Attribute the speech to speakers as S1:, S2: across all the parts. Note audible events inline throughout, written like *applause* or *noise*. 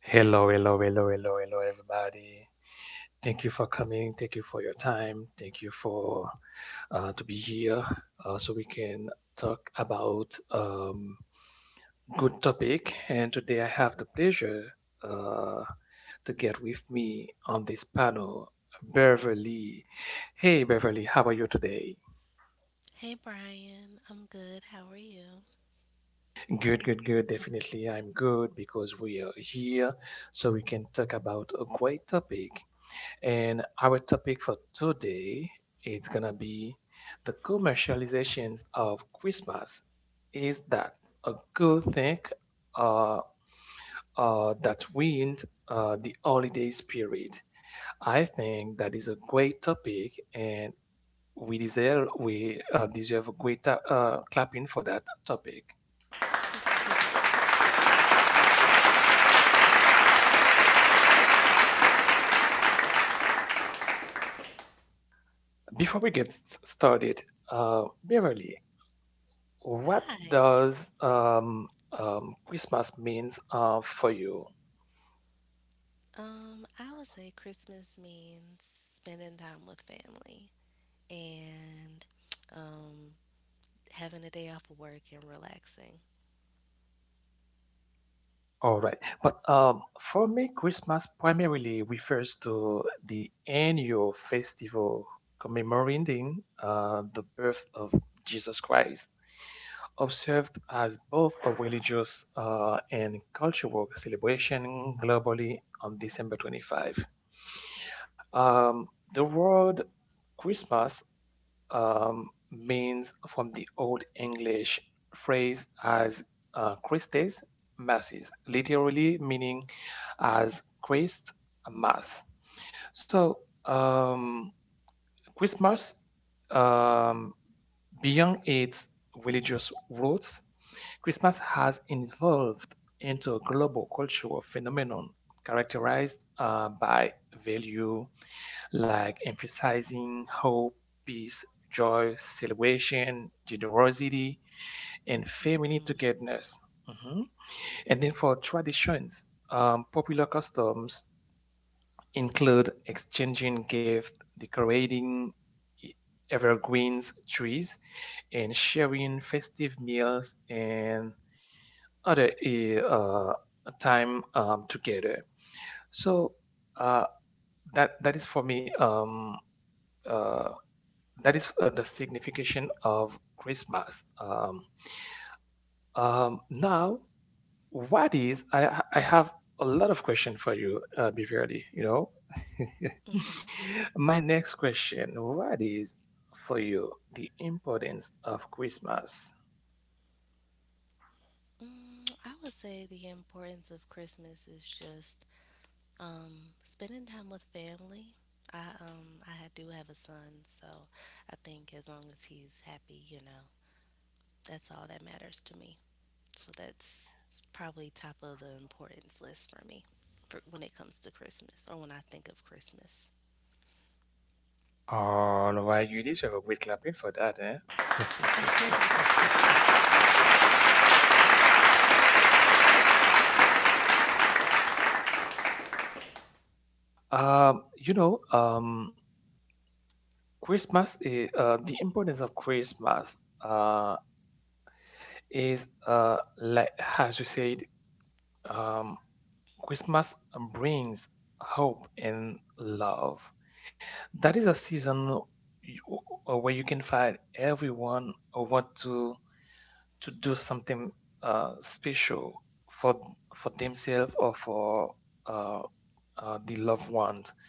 S1: Hello, hello, hello, hello, hello, everybody. Thank you for coming. Thank you for your time. Thank you for to be here so we can talk about good topic. And today I have the pleasure uh, to get with me on this panel, Beverly. Hey, Beverly, how are you today?
S2: Hey Brian, I'm good. How are you?
S1: Good, good, good. Definitely, I'm good because we are here so we can talk about a great topic. And our topic for today is gonna be the commercializations of Christmas. Is that a good thing uh, that ruined the holiday spirit? I think that is a great topic, and we deserve a great clapping for that topic. Before we get started, Beverly, what
S2: Hi.
S1: does Christmas means for you?
S2: I would say Christmas means spending time with family and um having a day off of work and relaxing.
S1: All right. But for me, Christmas primarily refers to the annual festival commemorating the birth of Jesus Christ, observed as both a religious and cultural celebration globally on December 25. The word Christmas means from the Old English phrase as Christes masses, literally meaning as Christ mass. So um, Christmas, um, beyond its religious roots, Christmas has evolved into a global cultural phenomenon characterized by value, like emphasizing hope, peace, joy, celebration, generosity, and family
S2: Mm-hmm.
S1: togetherness. Mhm. And then for traditions, popular customs include exchanging gifts, decorating e- evergreens, trees, and sharing festive meals and other time together. So uh, that is for me uh, that is the signification of Christmas. Now, what is? I have a lot of question for you, Beverly. You know,
S2: Mm-hmm.
S1: *laughs* my next question: What is for you the importance of Christmas?
S2: Mm, I would say the importance of Christmas is just spending time with family. I do have a son, so I think as long as he's happy, you know, that's all that matters to me. So that's probably top of the importance list for me for when it comes to Christmas or when I think of Christmas.
S1: Oh, no, why you deserve a great clapping for that, eh? *laughs* You know, Christmas is the importance of Christmas uh, is like as you said, um, Christmas brings hope and love. That is a season you, where you can find everyone who want to do something special for themselves or for uh, the loved ones.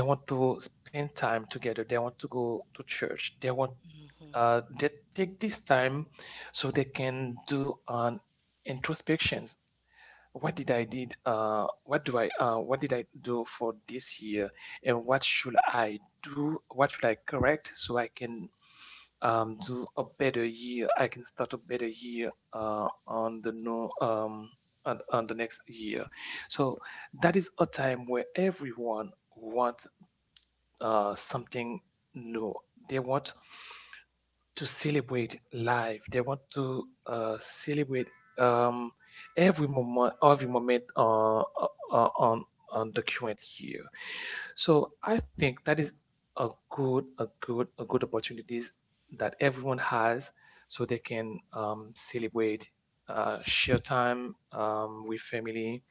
S1: They want to spend time together. They want to go to church. They want
S2: hmm
S1: they take this time so they can do an introspections. What did I did, what do I, what did I do for this year, and what should I do, what should I correct so I can do a better year, I can start a better year on the no on the next year. So that is a time where everyone wants something new. They want to celebrate life. They want to celebrate um, every moment uh, on on the current year. So I think that is a good opportunities that everyone has, so they can celebrate, share time with family,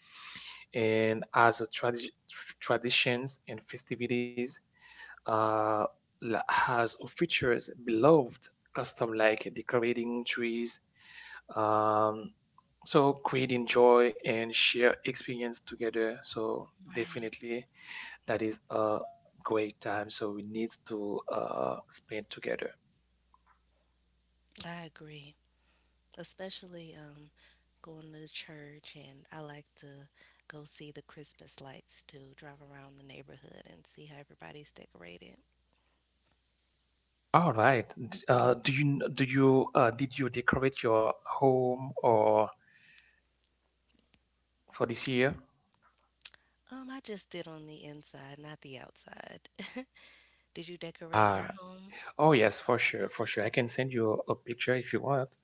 S1: and as a traditions and festivities uh, has or features beloved custom like decorating trees, um, so creating joy and share experience together. So
S2: Right.
S1: definitely that is a great time. So we need to spend together.
S2: I agree. Especially going to church, and I like to go see the Christmas lights too. Drive around the neighborhood and see how everybody's decorated.
S1: All right. Do you did you decorate your home or for this year?
S2: I just did on the inside, not the outside. *laughs* Did you decorate
S1: Ah,
S2: your home?
S1: oh yes, for sure, for sure. I can send you a picture if you want.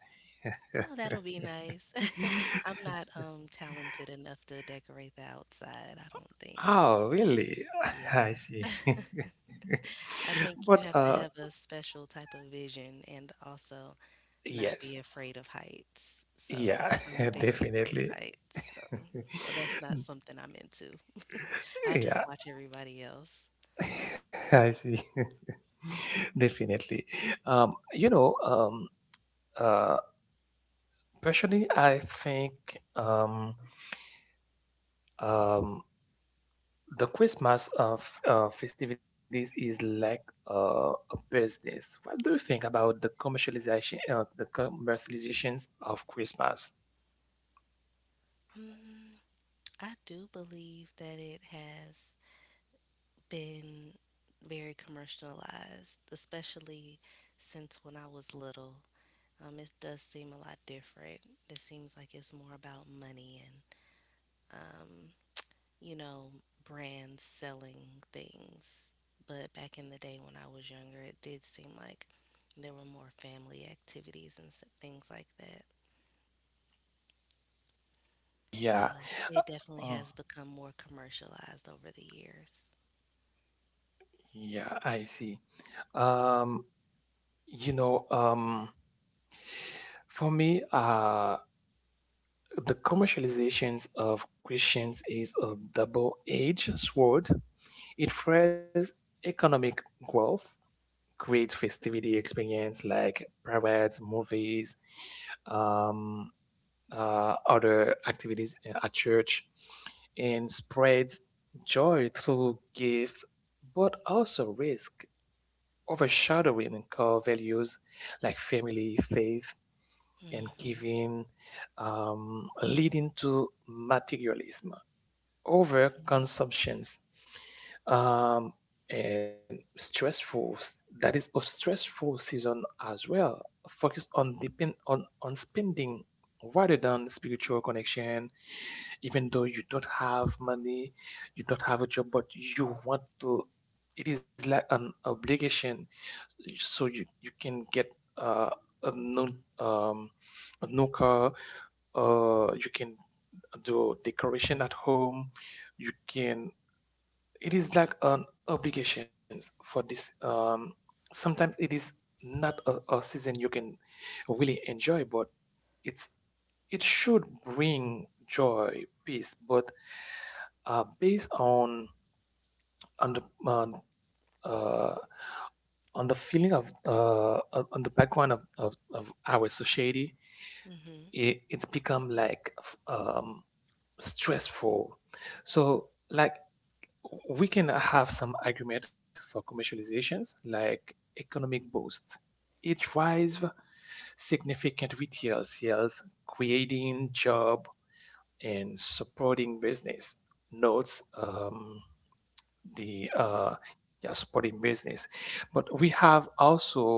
S2: Oh, that'll be nice. *laughs* I'm not talented
S1: *laughs*
S2: enough to decorate the outside, I don't think. So,
S1: Oh, really? *laughs* I
S2: yeah.
S1: see. *laughs*
S2: I think you
S1: But
S2: have to have a special type of vision and also not be
S1: yes.
S2: afraid of heights. So,
S1: Yeah,
S2: I'm
S1: *laughs*
S2: very afraid
S1: definitely.
S2: of heights. So, so that's
S1: *laughs*
S2: not something I'm into. I'll
S1: Yeah,
S2: just watch everybody else.
S1: I see. *laughs* Definitely. You know, uh personally I think um um the Christmas of festivities is like a business. What do you think about the commercialization, the commercializations of Christmas?
S2: Mm, I do believe that it has been very commercialized, especially since when I was little. It does seem a lot different. It seems like it's more about money and, um, you know, brands selling things. But back in the day when I was younger, it did seem like there were more family activities and things like that. So
S1: Yeah.
S2: it definitely
S1: Mm.
S2: has become more commercialized over the years.
S1: Yeah, I see. Um, you know, for me, the commercializations of Christians is a double-edged sword. It fuels economic growth, creates festivity experience like parades, movies, um, other activities at church, and spreads joy through gift, but also risk overshadowing core values like family, faith, and
S2: hmm
S1: giving, leading to materialism, over consumptions, um, and stressful. That is a stressful season as well. Focus on depend on spending rather than spiritual connection. Even though you don't have money, you don't have a job, but you want to. It is like an obligation so you can get uh, a no um, a nuka. You can do decoration at home. You can. It is like an obligations for this. Sometimes it is not a season you can really enjoy, but it's it should bring joy, peace. But based on the, on, uh, on the feeling of on the background of our society.
S2: Mm-hmm.
S1: It's become like stressful. So like we can have some argument for commercializations, like economic boost. It drives significant retail sales, creating job and supporting business notes the yeah, supporting business. But we have also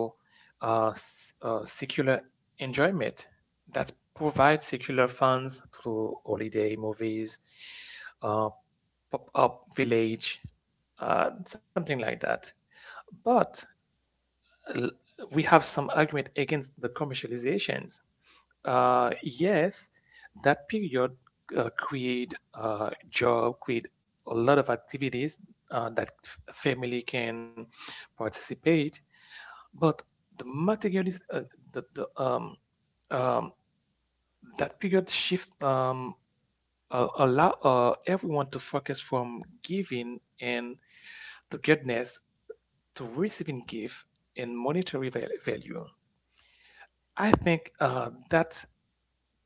S1: secular enjoyment that provides secular funds through holiday movies, uh, pop-up village, something like that. But l- we have some argument against the commercializations. Yes, that period create job, create a lot of activities that family can participate. But the material is the um, that period shift allow everyone to focus from giving and togetherness to receiving gift and monetary value. I think that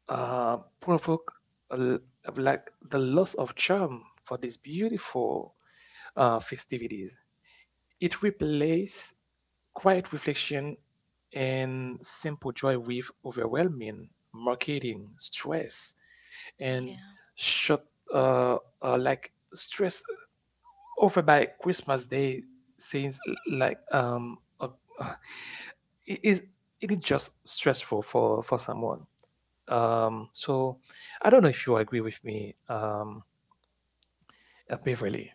S1: provoke uh, like the loss of charm for these beautiful festivities. It replaces quiet reflection and simple joy with overwhelming marketing, stress, and
S2: Yeah,
S1: short uh, like stress over by Christmas Day seems like *laughs* it is it is just stressful for someone. So I don't know if you agree with me, Beverly.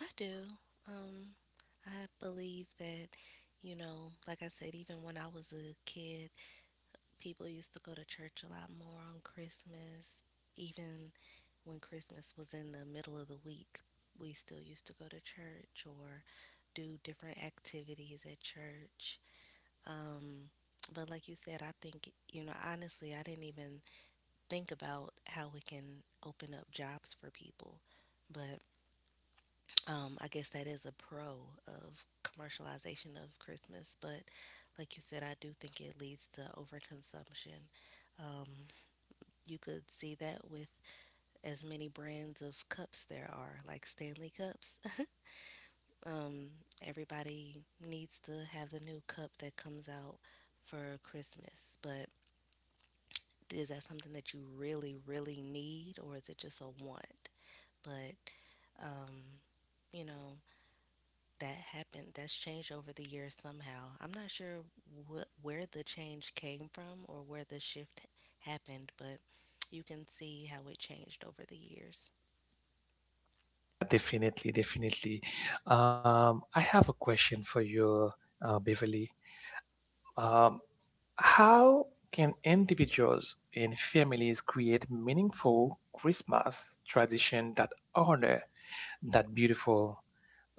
S2: I do. Um, I believe that, you know, like I said, even when I was a kid, people used to go to church a lot more on Christmas. Even when Christmas was in the middle of the week, we still used to go to church or do different activities at church. Um, but like you said, I think, you know, honestly, I didn't even think about how we can open up jobs for people. But I guess that is a pro of commercialization of Christmas. But like you said, I do think it leads to overconsumption. Um, you could see that with as many brands of cups there are, like Stanley cups. *laughs* um, Everybody needs to have the new cup that comes out for Christmas, but is that something that you really, really need, or is it just a want? But um, you know, that happened. That's changed over the years somehow. I'm not sure what where the change came from or where the shift happened, but you can see how it changed over the years.
S1: Definitely, definitely. I have a question for you, Beverly. Um, how can individuals and families create meaningful Christmas tradition that honor that beautiful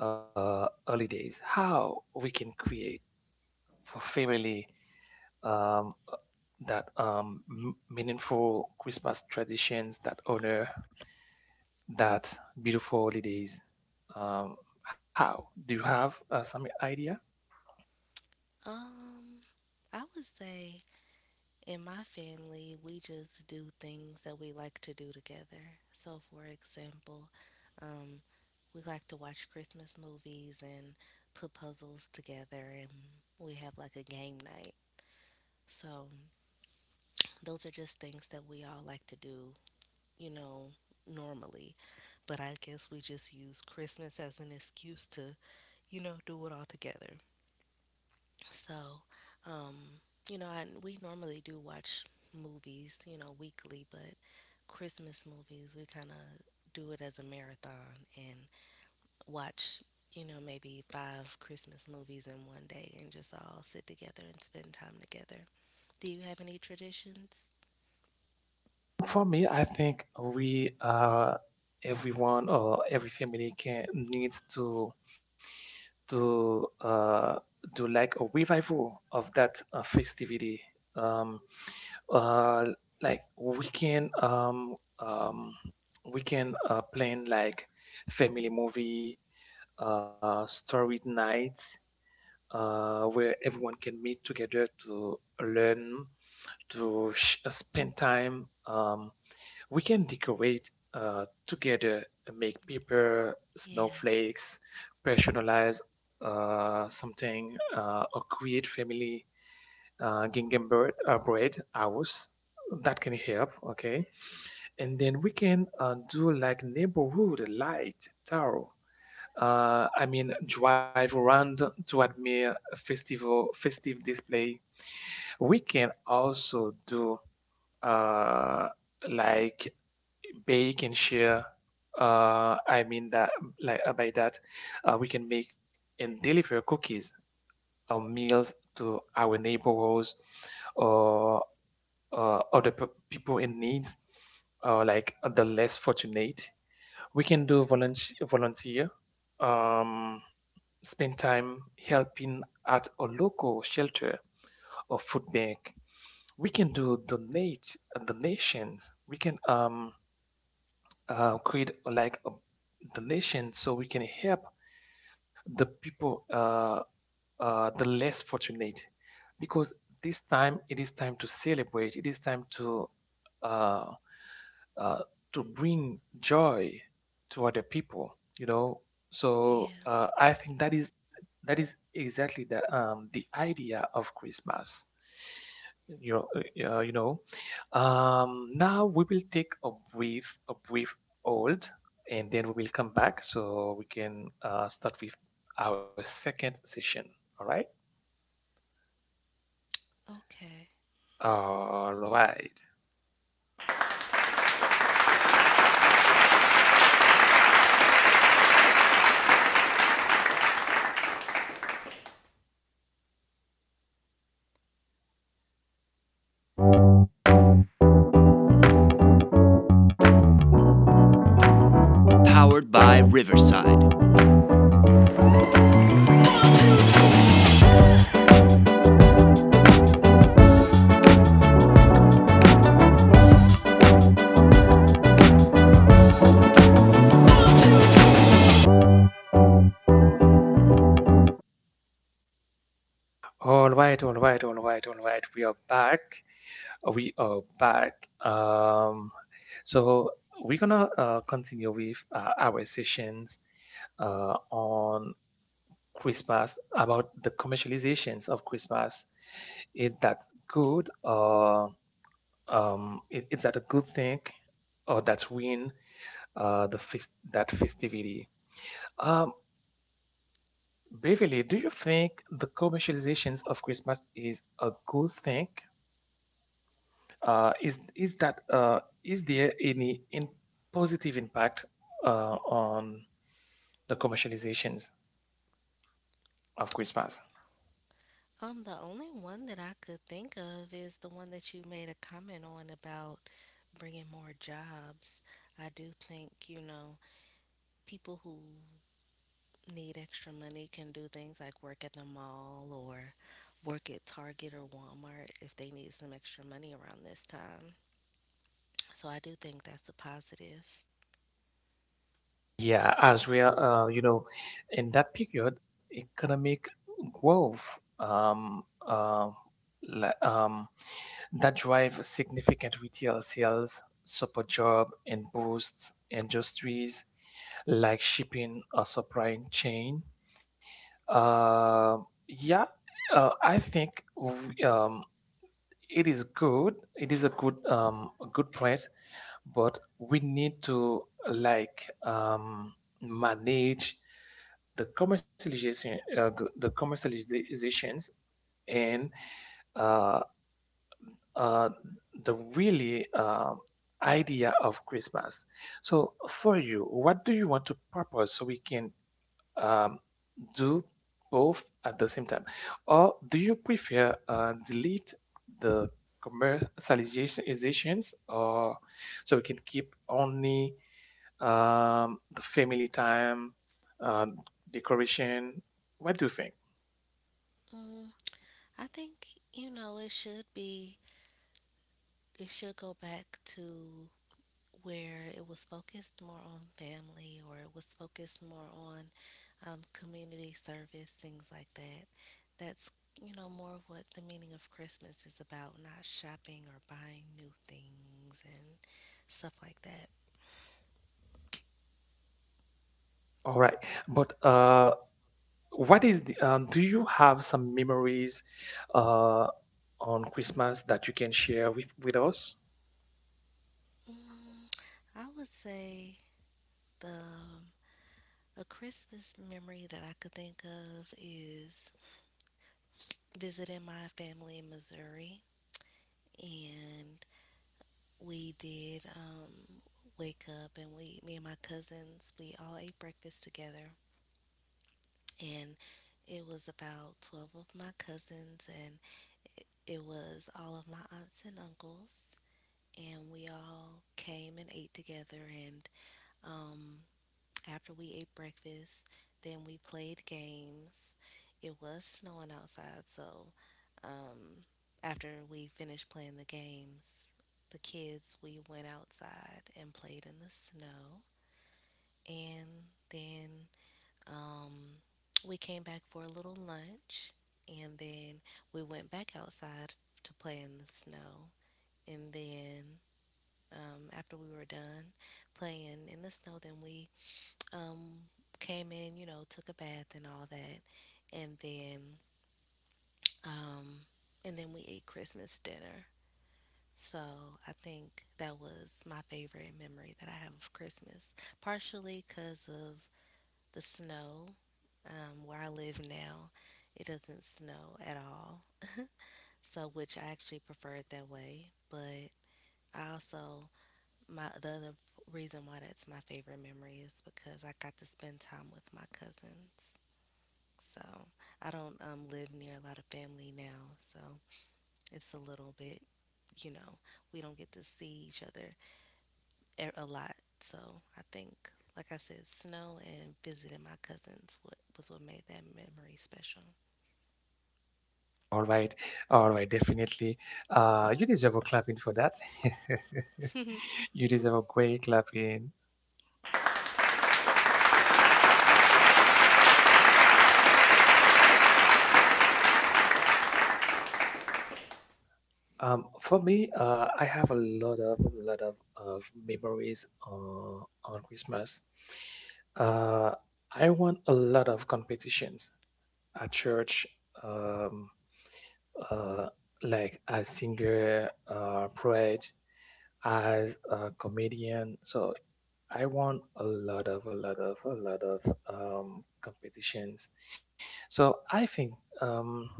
S1: holidays? How we can create for family um, that meaningful Christmas traditions that honor that beautiful holidays, um, how do you have some idea?
S2: Um, I would say in my family, we just do things that we like to do together. So, for example, um, we like to watch Christmas movies and put puzzles together, and we have like a game night. So, those are just things that we all like to do, you know, normally. But I guess we just use Christmas as an excuse to, you know, do it all together. So, um, you know, we normally do watch movies, you know, weekly, but Christmas movies, we kind of do it as a marathon and watch, you know, maybe five Christmas movies in 1 day and just all sit together and spend time together. Do you have any traditions?
S1: For me I think we everyone or every family can needs to to uh, do like a revival of that festivity. Um, uh, like we can plan like family movie, story night, where everyone can meet together to learn, to spend time. We can decorate together, make paper
S2: Yeah,
S1: snowflakes, personalize something, or create family gingham bread, bread house. That can help, okay? And then we can do like neighborhood light tower. I mean, drive around to admire a festival, festive display. We can also do uh, like Bake and share, I mean that like by that, we can make and deliver cookies or meals to our neighborhoods or other people in needs or like the less fortunate. We can do volunteer, um, spend time helping at a local shelter or food bank. We can do donate donations. We can create like a donation so we can help the people the less fortunate, because this time it is time to celebrate, it is time to uh, uh, bring joy to other people, you know. So
S2: yeah.
S1: I think that is exactly the idea of Christmas, you know, you know. Now we will take a brief hold, and then we will come back so we can start with our second session. All right.
S2: Okay.
S1: All right, all right, all right, all right, all right. We are back. We are back. So we're gonna continue with our sessions on Christmas about the commercializations of Christmas. Is that good? Or is that a good thing? Or that's win the that festivity? Um, Beverly, do you think the commercializations of Christmas is a good thing? Is that is there any in positive impact on the commercializations of Christmas?
S2: The only one that I could think of is the one that you made a comment on about bringing more jobs. I do think, you know, people who need extra money can do things like work at the mall or work at Target or Walmart if they need some extra money around this time. So I do think that's a positive.
S1: Yeah, as well, you know, in that period, economic growth uh, la- um, that drive significant retail sales, support job and boosts industries like shipping or supply chain. Uh, yeah, I think it is good. It is a good price, but we need to like manage the commercialization, the commercializations and uh, uh, the really idea of Christmas. So for you, what do you want to propose so we can um, do both at the same time? Or do you prefer delete the commercializations, or so we can keep only the family time, uh, decoration. What do you think?
S2: Mm, I think, you know, it should go back to where it was focused more on family or it was focused more on community service, things like that. That's, you know, more of what the meaning of Christmas is about, not shopping or buying new things and stuff like that.
S1: All right, but what is the? Do you have some memories uh, on Christmas that you can share with us?
S2: Mm, I would say the a Christmas memory that I could think of is visiting my family in Missouri and we did wake up and we, me and my cousins, we all ate breakfast together. And it was about 12 of my cousins, and it was all of my aunts and uncles. And we all came and ate together, and um, after we ate breakfast, then we played games. It was snowing outside, so um, after we finished playing the games, the kids, we went outside and played in the snow. And then um, we came back for a little lunch, and then we went back outside to play in the snow. And then after we were done playing in the snow, then we um, came in, you know, took a bath and all that, and then um, and then we ate Christmas dinner. So I think that was my favorite memory that I have of Christmas, partially because of the snow. Where I live now, it doesn't snow at all, so which I actually prefer it that way. But I also my the other reason why that's my favorite memory is because I got to spend time with my cousins. So I don't live near a lot of family now. So it's a little bit, you know, we don't get to see each other a lot. So I think, like I said, snow and visiting my cousins was what made that memory special.
S1: All right, all right, definitely. You deserve a clapping for that. *laughs*
S2: *laughs*
S1: You deserve a great clapping. For me, I have a lot of of memories on Christmas. Uh, I won a lot of competitions at church, um, uh, like as singer, poet, as a comedian. So I won a lot of a lot of a lot of competitions. So I think um,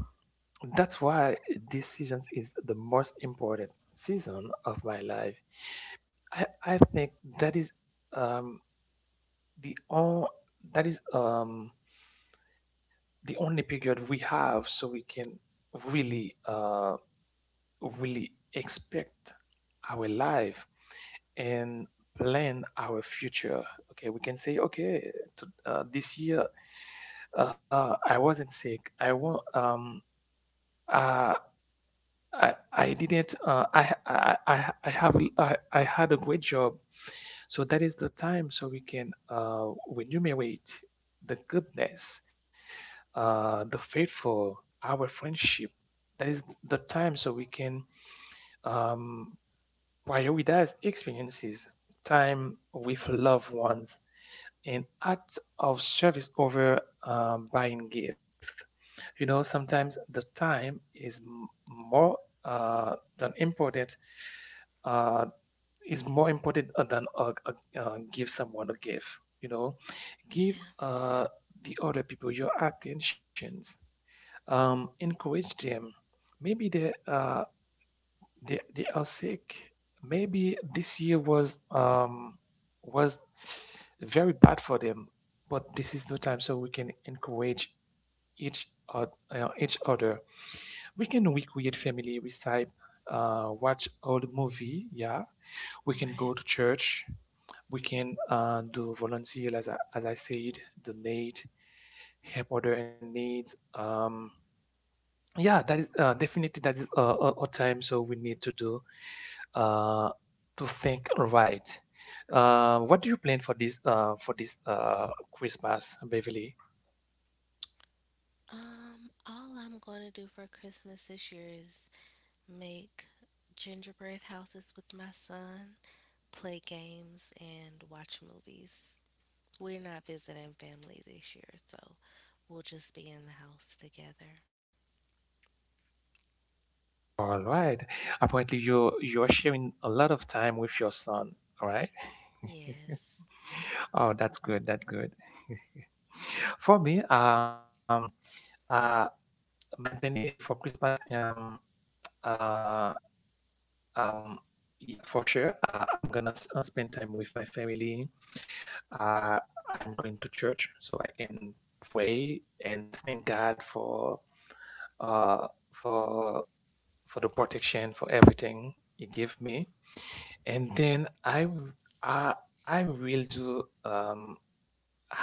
S1: that's why this season is the most important season of my life. I think that is um, the on, that is the only period we have so we can really really expect our life and plan our future. Okay, we can say, okay, this year I wasn't sick. I want uh, I didn't I have I had a great job. So that is the time so we can remunerate the goodness, the faithful, our friendship. That is the time so we can um, Prioritize experiences, time with loved ones, and acts of service over buying gifts. You know, sometimes the time is m- more than important. Uh, is more important than give someone a gift. You know, give
S2: Yeah,
S1: the other people your attentions. Encourage them. Maybe they are sick. Maybe this year was very bad for them, but this is no time so we can encourage each other. We can recreate family recipe, watch old movie. Yeah, we can go to
S2: right.
S1: church. We can do volunteer as I said, donate, help other in need. Um, yeah that is definitely that is a time so we need to do uh, to think right what do you plan for this Christmas, Beverly?
S2: All I'm going to do for Christmas this year is make gingerbread houses with my son, play games, and watch movies. We're not visiting family this year, so we'll just be in the house together.
S1: All right, apparently you're sharing a lot of time with your son. All right.
S2: Yes.
S1: Oh, that's good, that's good. *laughs* For me uh my plan for Christmas, uh um yeah, for sure, I'm gonna spend time with my family. uh, I'm going to church so I can pray and thank God for uh, for for the protection, for everything He gave me. And then I will do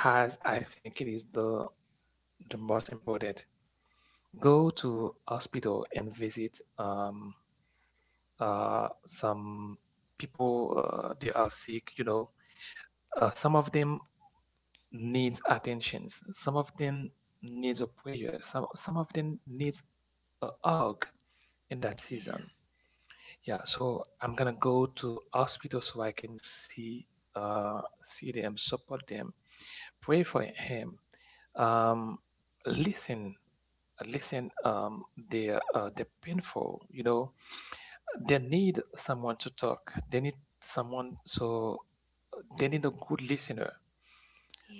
S1: as I think it is the most important. Go to hospital and visit some people. They are sick, you know. Some of them needs attentions. Some of them needs a prayer. Some of them needs a hug in that
S2: Yeah.
S1: season. Yeah, so I'm gonna go to hospital so I can see see them, support them, pray for him. Um, listen, listen. They're painful. You know, they need someone to talk. They need someone. So they need a good listener,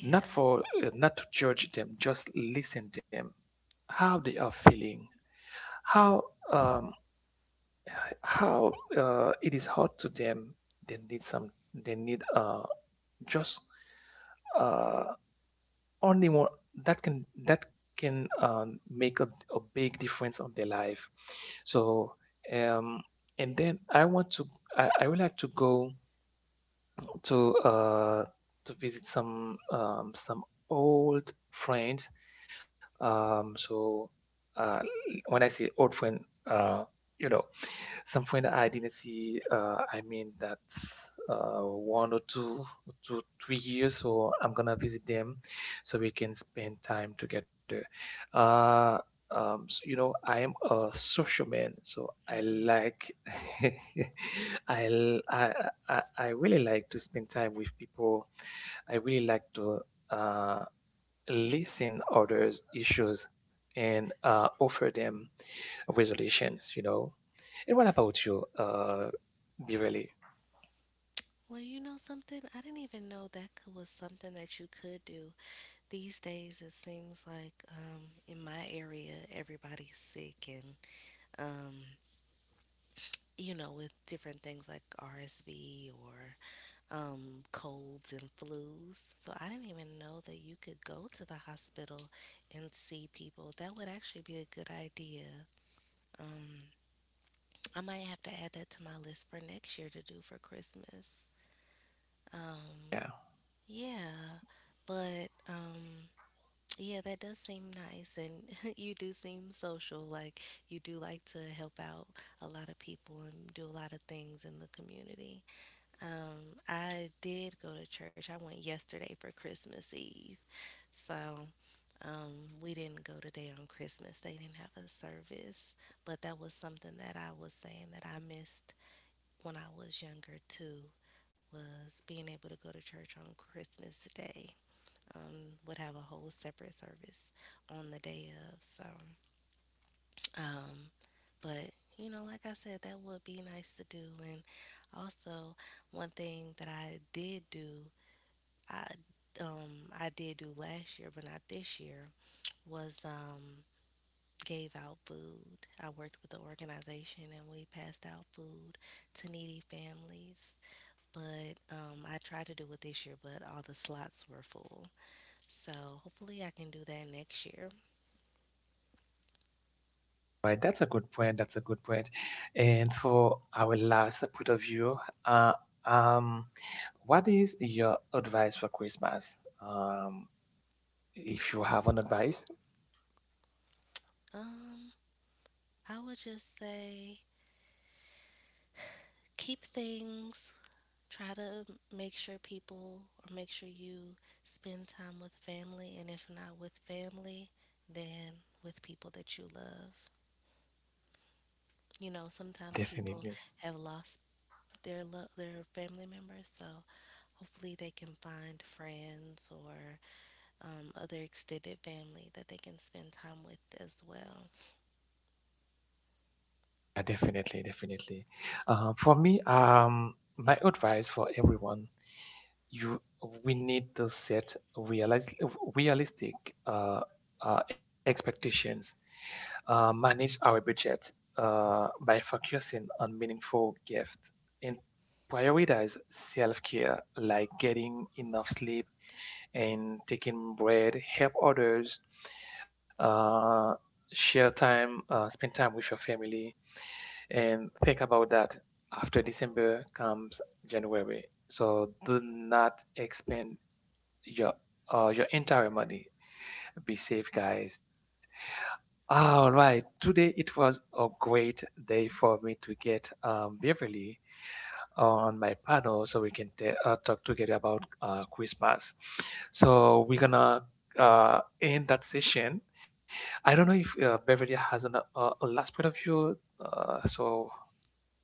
S1: not for not to judge them, just listen them how they are feeling, how um how it is hard to them. They need some, they need just uh only one that can make a big difference on their life. So um and then I want to, I would like to go to uh to visit some old friend. So uh, when I say old friend, you know, some friend I didn't see, I mean that one or two, two, three years, so I'm gonna visit them so we can spend time together. Uh, so, you know, I am a social man, so I
S2: hmm
S1: like, *laughs* I, l- I really like to spend time with people. I really like to. Uh, listen others' issues and offer them resolutions, you know. And what about you, Birelli?
S2: Well, you know something? I didn't even know that was something that you could do. These days, it seems like in my area, everybody's sick and, um, you know, with different things like RSV or colds and flus. So I didn't even know that you could go to the hospital and see people. That would actually be a good idea. Um, I might have to add that to my list for next year to do for Christmas. Um,
S1: Yeah,
S2: yeah, but yeah, that does seem nice, and *laughs* you do seem social. Like you do like to help out a lot of people and do a lot of things in the community. I did go to church. I went yesterday for Christmas Eve. So, we didn't go today on Christmas. They didn't have a service, but that was something that I was saying that I missed when I was younger too, was being able to go to church on Christmas Day. Would have a whole separate service on the day of. So, um, but you know, like I said, that would be nice to do. And also, one thing that I did do I I did do last year, but not this year, was gave out food. I worked with the organization and we passed out food to needy families. But I tried to do it this year, but all the slots were full. So hopefully I can do that next year.
S1: right. That's a good point. That's a good point. And for our last point of view, uh, um, what is your advice for Christmas? If you have an advice,
S2: Um I would just say keep things Try to make sure people or make sure you spend time with family, and if not with family, then with people that you love. You know, sometimes
S1: definitely.
S2: people have lost their family members, so hopefully they can find friends or other extended family that they can spend time with as well.
S1: Yeah, definitely, definitely. For me, my advice for everyone, you we need to set realistic uh, expectations, manage our budget by focusing on meaningful gifts, and prioritize self-care like getting enough sleep and taking bread, help others, uh, share time, spend time with your family, and think about that after December comes January. So do not expend your your entire money. Be safe, guys. All right, today it was a great day for me to get Beverly on my panel so we can talk together about Christmas. So we're gonna end that session. I don't know if Beverly has a last point of view. So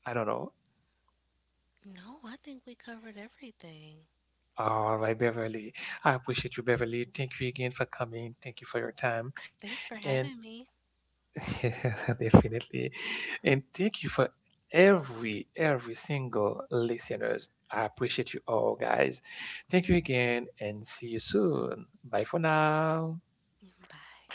S1: I don't know.
S2: No, I think we covered everything.
S1: All right, Beverly. I appreciate you, Beverly. Thank you again for coming. Thank you for your time.
S2: Thanks for
S1: And
S2: having me.
S1: *laughs* definitely. And thank you for every single listeners. I appreciate you all, guys. Thank you again and see you soon. Bye for now.
S2: Bye.